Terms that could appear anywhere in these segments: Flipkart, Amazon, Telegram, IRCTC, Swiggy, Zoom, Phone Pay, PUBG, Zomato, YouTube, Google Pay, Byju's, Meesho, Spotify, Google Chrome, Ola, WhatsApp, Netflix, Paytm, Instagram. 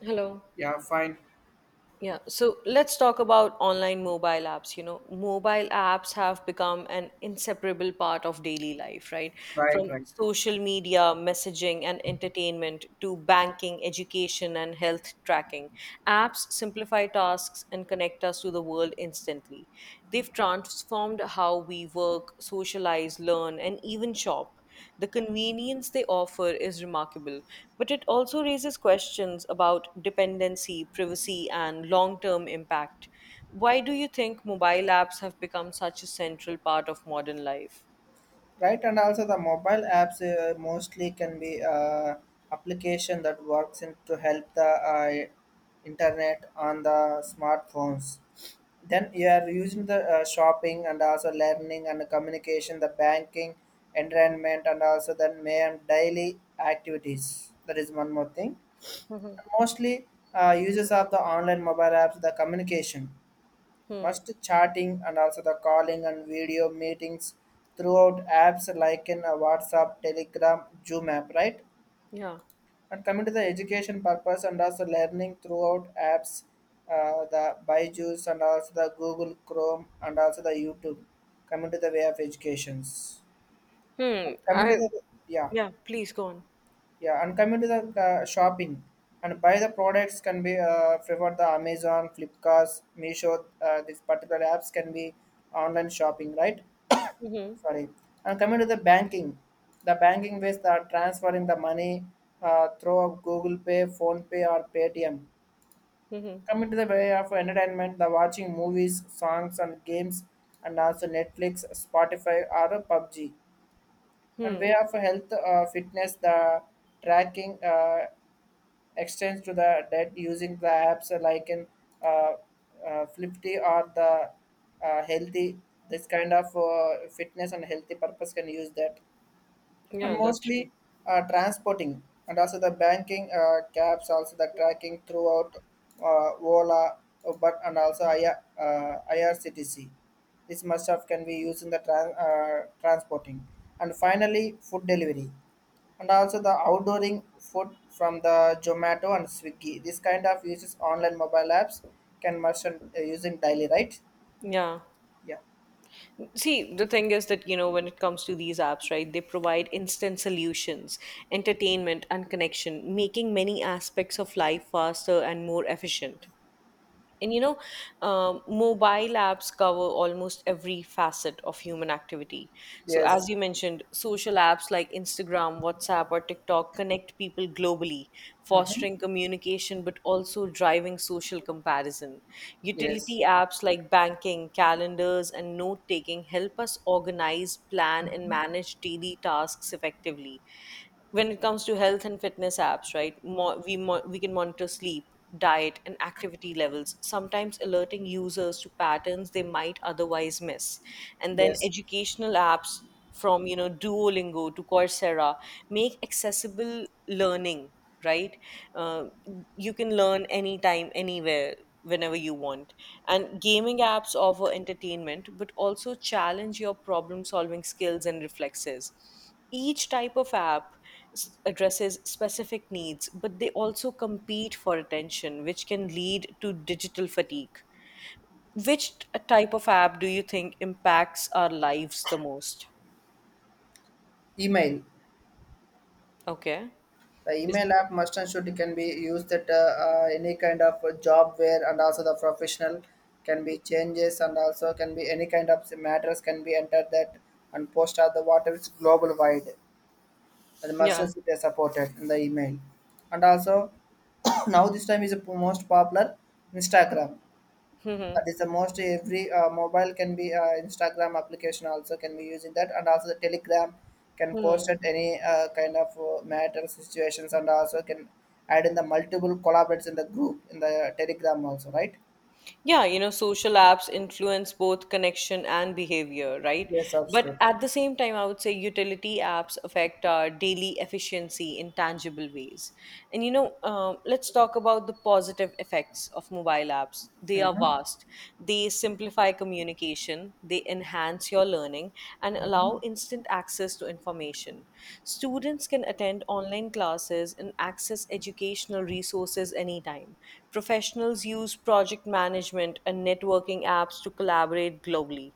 Hello. Yeah, fine. Yeah. So let's talk about online mobile apps. You know, mobile apps have become an inseparable part of daily life, right? From Right, right. social media, messaging, and entertainment to banking, education, and health tracking. Apps simplify tasks and connect us to the world instantly. They've transformed how we work, socialize, learn, and even shop. The convenience they offer is remarkable, but it also raises questions about dependency, privacy, and long term impact. Why do you think mobile apps have become such a central part of modern life? Right, and also the mobile apps, mostly can be application that works in to help the internet on the smartphones. Then you are using the shopping and also learning and communication, the banking, entertainment, and also then main daily activities. That is one more thing. Hmm. Mostly, users of the online mobile apps, the communication. Hmm. Must chatting and also the calling and video meetings throughout apps like in a WhatsApp, Telegram, Zoom app, right? Yeah. And coming to the education purpose and also learning throughout apps, the Byju's and also the Google Chrome and also the YouTube. Coming to the way of educations. Hmm. And coming to I. the yeah. Yeah. Please go on. Yeah, and coming to the shopping and buy the products can be preferred the Amazon, Flipkart, Meesho. These particular apps can be online shopping, right? Mm-hmm. Sorry. And coming to the banking ways that are transferring the money through Google Pay, Phone Pay, or Paytm. Mm-hmm. Coming to the way of entertainment, the watching movies, songs, and games, and also Netflix, Spotify, or PUBG. And Hmm. way of health, fitness, the tracking. Extends to the debt using the apps like in uh, Flipti or the healthy. This kind of fitness and healthy purpose can use that, and Yeah, that's true. mostly, transporting and also the banking caps, also the tracking throughout Ola, but and also IRCTC. This must have can be used in the transporting, and finally food delivery and also the outdooring food from the Zomato and Swiggy. This kind of uses online mobile apps can merchant, using daily, right? Yeah. Yeah. See, the thing is that, you know, when it comes to these apps, right, they provide instant solutions, entertainment, and connection, making many aspects of life faster and more efficient. And mobile apps cover almost every facet of human activity. So, as Yes. you mentioned, social apps like Instagram, WhatsApp, or TikTok connect people globally, fostering Mm-hmm. communication but also driving social comparison. Yes. Utility apps like banking, calendars, and note taking help us organize, plan, and manage daily tasks effectively. When it comes to health and fitness apps, right, we can monitor sleep, diet, and activity levels, sometimes alerting users to patterns they might otherwise miss. And then Yes. educational apps, from Duolingo to Coursera, make accessible learning, right? uh, you can learn anytime, anywhere, whenever you want. And gaming apps offer entertainment but also challenge your problem solving skills and reflexes. Each type of app addresses specific needs, but they also compete for attention, which can lead to digital fatigue. Which type of app do you think impacts our lives the most? Email. Okay. The Is, email app merchant should can be used at any kind of job where and also the professional can be changes and also can be any kind of matters can be entered that, and post are the water is global wide. The yeah. merchants they supported in the email, and also now this time is the most popular Instagram. Hmm. That is the most every, mobile can be, Instagram application also can be using that, and also the Telegram can post Hmm. at any kind of matter situations, and also can add in the multiple collaborates in the group in the Telegram also, right? Yeah, you know, social apps influence both connection and behavior, right? Yes, But absolutely. at the same time, I would say utility apps affect our daily efficiency in tangible ways. And, let's talk about the positive effects of mobile apps. They are Mm-hmm. vast, they simplify communication, they enhance your learning, and allow instant access to information. Students can attend online classes and access educational resources anytime. Professionals use project management and networking apps to collaborate globally.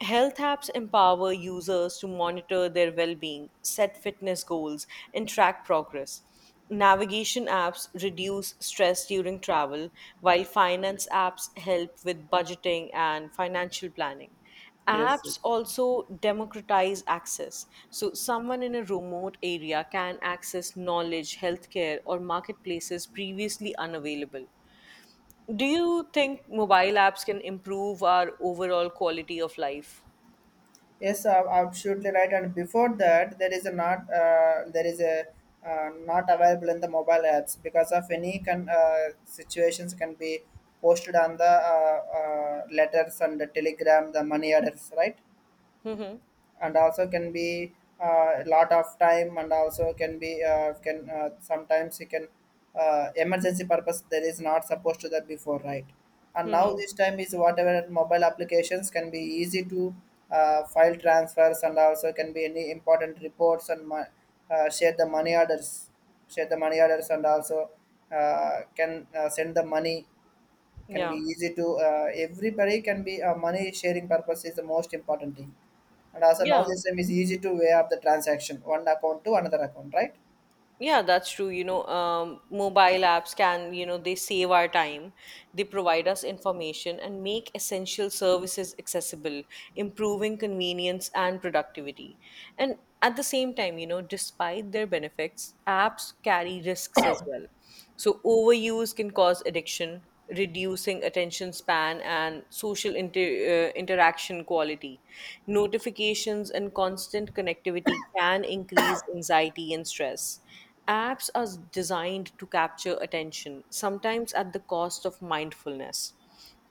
Health apps empower users to monitor their well being, set fitness goals, and track progress. Navigation apps reduce stress during travel, while finance apps help with budgeting and financial planning. Yes, yes. Apps also democratize access. So, someone in a remote area can access knowledge, healthcare, or marketplaces previously unavailable. Do you think mobile apps can improve our overall quality of life? Yes, absolutely right. And before that, there is a not, there is a not available in the mobile apps because of any situations can be posted on the letters and the telegram, the money orders, right? Mm-hmm. And also can be a lot of time, and also can be can sometimes you can emergency purpose there is not supposed to that before, right? And now Mm-hmm. this time is whatever mobile applications can be easy to file transfers, and also can be any important reports and share the money orders, share the money orders and also can send the money can be Yeah. easy to, everybody can be, money sharing purpose is the most important thing. And also now Yeah. this time is easy to way up the transaction one account to another account, right? Yeah, that's true. Mobile apps can, they save our time, they provide us information and make essential services accessible, improving convenience and productivity. And at the same time, you know, despite their benefits, apps carry risks as well. So, overuse can cause addiction, reducing attention span and social interaction quality. Notifications and constant connectivity can increase anxiety and stress. Apps are designed to capture attention, sometimes at the cost of mindfulness.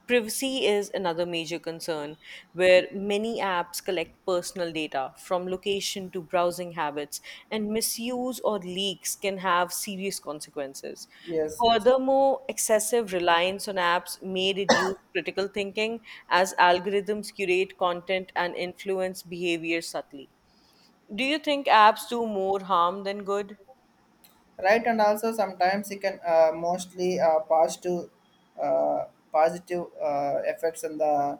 Privacy is another major concern, where many apps collect personal data from location to browsing habits, and misuse or leaks can have serious consequences. Yes, yes. Furthermore, excessive reliance on apps may reduce critical thinking as algorithms curate content and influence behavior subtly. Do you think apps do more harm than good? Right, and also sometimes it can, mostly uh, positive effects in the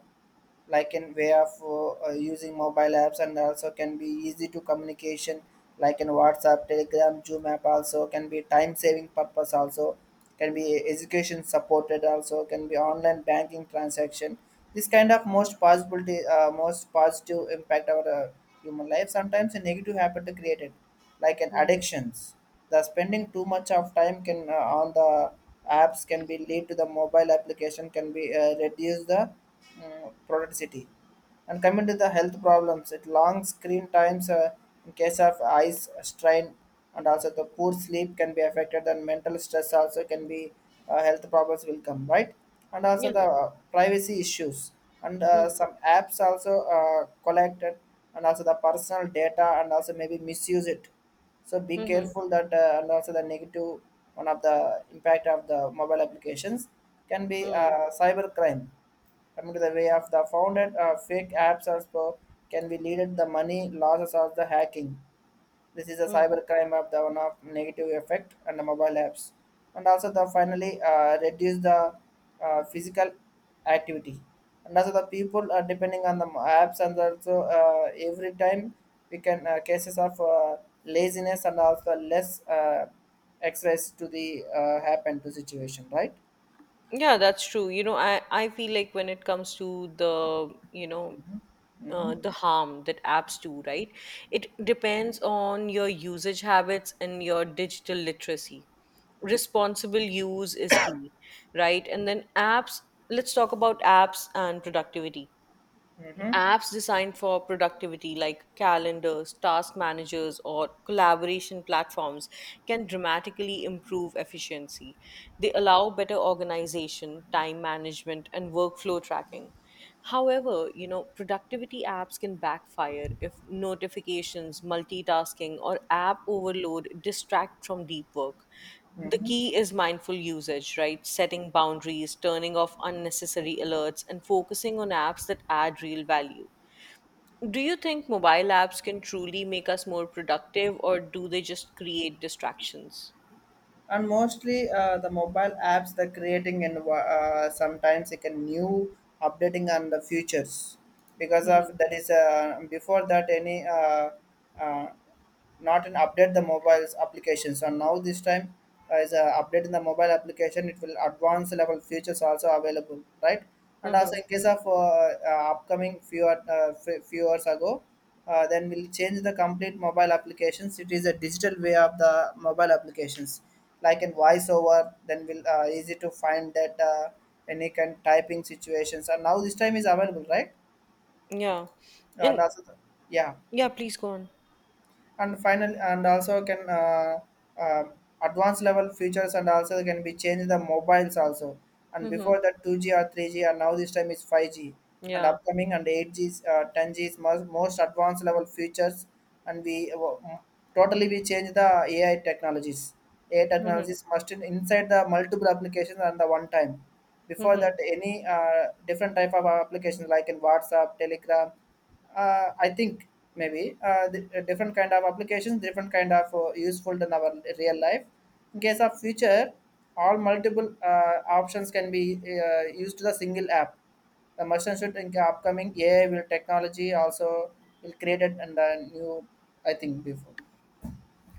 like in way of using mobile apps, and also can be easy to communication like in WhatsApp, Telegram, Zoom app, also can be time saving purpose also, can be education supported also, can be online banking transaction. This kind of most possibility, most positive impact our, human life. Sometimes a negative habit created like an Hmm. addictions, the spending too much of time can, on the apps can be lead to the mobile application can be, reduce the, productivity. And coming to the health problems, it long screen times, in case of eyes strain, and also the poor sleep can be affected, and mental stress also can be, health problems will come, right? And also the, Yeah. Privacy issues, and, Hmm. some apps also, collected and also the personal data, and also maybe misuse it. So be Hmm. careful that, and also the negative one of the impact of the mobile applications can be, Hmm. Cyber crime, coming to the way of the founded fake apps also can be leaded the money losses of the hacking. This is a Hmm. cybercrime of the one of negative effect and the mobile apps, and also the finally, reduce the, physical activity, and also the people are depending on the apps, and also, every time we can, cases of, laziness, and also less, exercise to the, happen to situation, right? Yeah, that's true. You know, I feel like when it comes to the, Mm-hmm. The harm that apps do, right? It depends on your usage habits and your digital literacy. Responsible use is key, right? And then apps, let's talk about apps and productivity. Mm-hmm. Apps designed for productivity, like calendars, task managers, or collaboration platforms, can dramatically improve efficiency. They allow better organization, time management, and workflow tracking. However, you know, productivity apps can backfire if notifications, multitasking, or app overload distract from deep work. The key is mindful usage, right? Setting boundaries, turning off unnecessary alerts, and focusing on apps that add real value. Do you think mobile apps can truly make us more productive, or do they just create distractions? And mostly, the mobile apps they're creating, and, sometimes it can new updating on the futures, because of Hmm. that is, before that any uh, not an update the mobile's application. So now this time, is a update in the mobile application. It will advanced level features also available, right? And also Hmm. in case of, upcoming few hours ago, then we'll change the complete mobile applications. It is a digital way of the mobile applications, like in voiceover. Then we'll, easy to find that, any kind typing situations. And now this time is available, right? Yeah. And And also, the- yeah, yeah, please go on. and final and also can, uh, advanced level features and also can be changed the mobiles also, and Hmm. before that 2G or 3G, and now this time is 5G, and Yeah. upcoming and 8G, 10G is most advanced level features. And we, totally we change the AI technologies. AI Hmm. technologies must inside the multiple applications, and the one time before that Hmm. any, different type of applications like in WhatsApp, Telegram, I think maybe, different kind of applications, different kind of, useful in our real life. In case of future, all multiple, options can be, used to the single app. The merchant should think upcoming AI will technology also will create it, and the new I think before.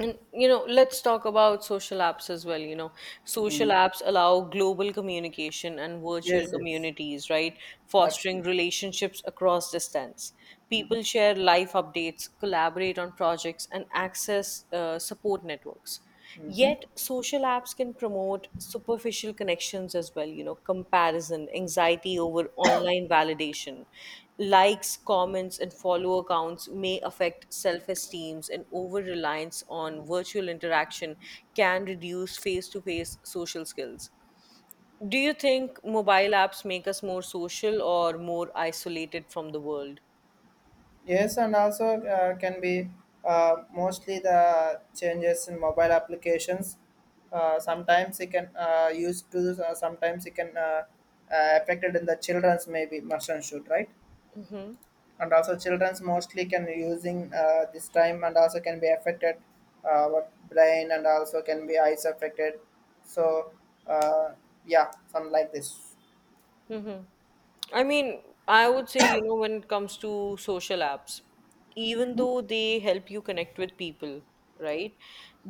And you know, let's talk about social apps as well. You know, social Mm. apps allow global communication and virtual Yes, yes, communities, right? Fostering absolutely. relationships across distance. People share life updates, collaborate on projects, and access support networks. Hmm, hmm. Yet, social apps can promote superficial connections as well, you know, comparison, anxiety over online validation. Likes, comments, and follower counts may affect self esteems, and over reliance on virtual interaction can reduce face to face social skills. Do you think mobile apps make us more social or more isolated from the world? Yes, and also, can be, mostly the changes in mobile applications. Sometimes it can, use to sometimes it can, affected in the children's maybe must and should, right? Mhm. And also children's mostly can using, this time, and also can be affected, our brain and also can be eyes affected. So, uh, yeah, some like this. Hmm. I mean, I would say, you know, when it comes to social apps, even though they help you connect with people, right?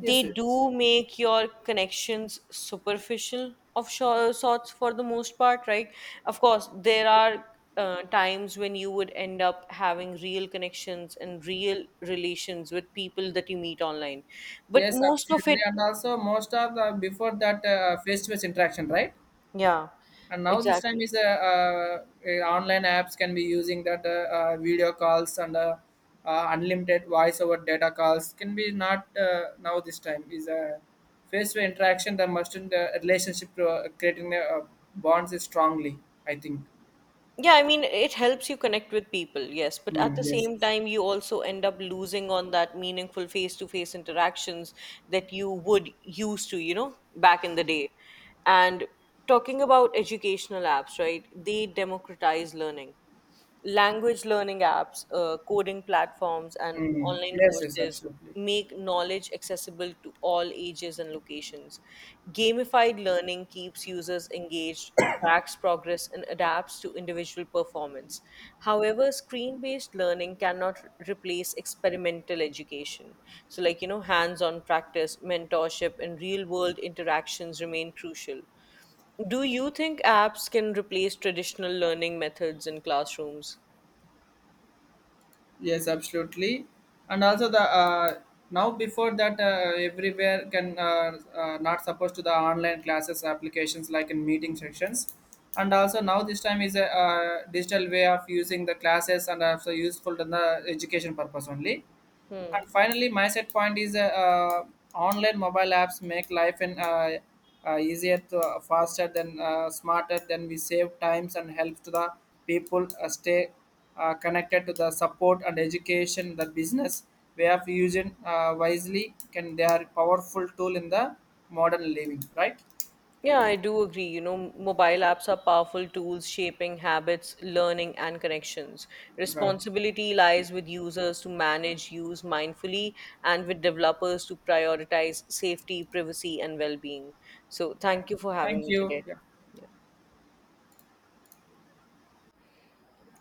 Yes, yes, do make your connections superficial of sorts for the most part, right? Of course, there are times when you would end up having real connections and real relations with people that you meet online. But yes, most of absolutely. it, And also most of the before that face to face interaction, right? yeah, And now this time exactly. is a online apps can be using that, video calls and unlimited voice over data calls can be not, now this time is a face to interaction that must in the relationship to, creating a, bonds is strongly, I think. Yeah, I mean, it helps you connect with people, yes, but at Mm, the yes, same yes. time, you also end up losing on that meaningful face-to-face interactions that you would used to, you know, back in the day. And talking about educational apps, right? They democratize learning. Language learning apps, coding platforms, and Mm, online yes, yes, courses absolutely. make knowledge accessible to all ages and locations. Gamified learning keeps users engaged, tracks progress, and adapts to individual performance. However, screen based learning cannot replace experimental education. So, like, you know, hands on practice, mentorship, and real world interactions remain crucial. Do you think apps can replace traditional learning methods in classrooms? Yes, absolutely. And also the, now before that, everywhere can, not supposed to the online classes applications like in meeting sections, and also now this time is a, digital way of using the classes, and also useful in the education purpose only. Hmm. And finally, my set point is, online mobile apps make life and, easier, to, faster than, smarter, than we save times and help to the people, stay, connected to the support and education. The business way of using, wisely can they are powerful tool in the modern living. Right. Yeah, I do agree. You know, mobile apps are powerful tools shaping habits, learning, and connections. Right. Responsibility lies with users to manage use mindfully and with developers to prioritize safety, privacy, and well being. So, Yeah. thank you for having Thank me you. today. Yeah. Yeah.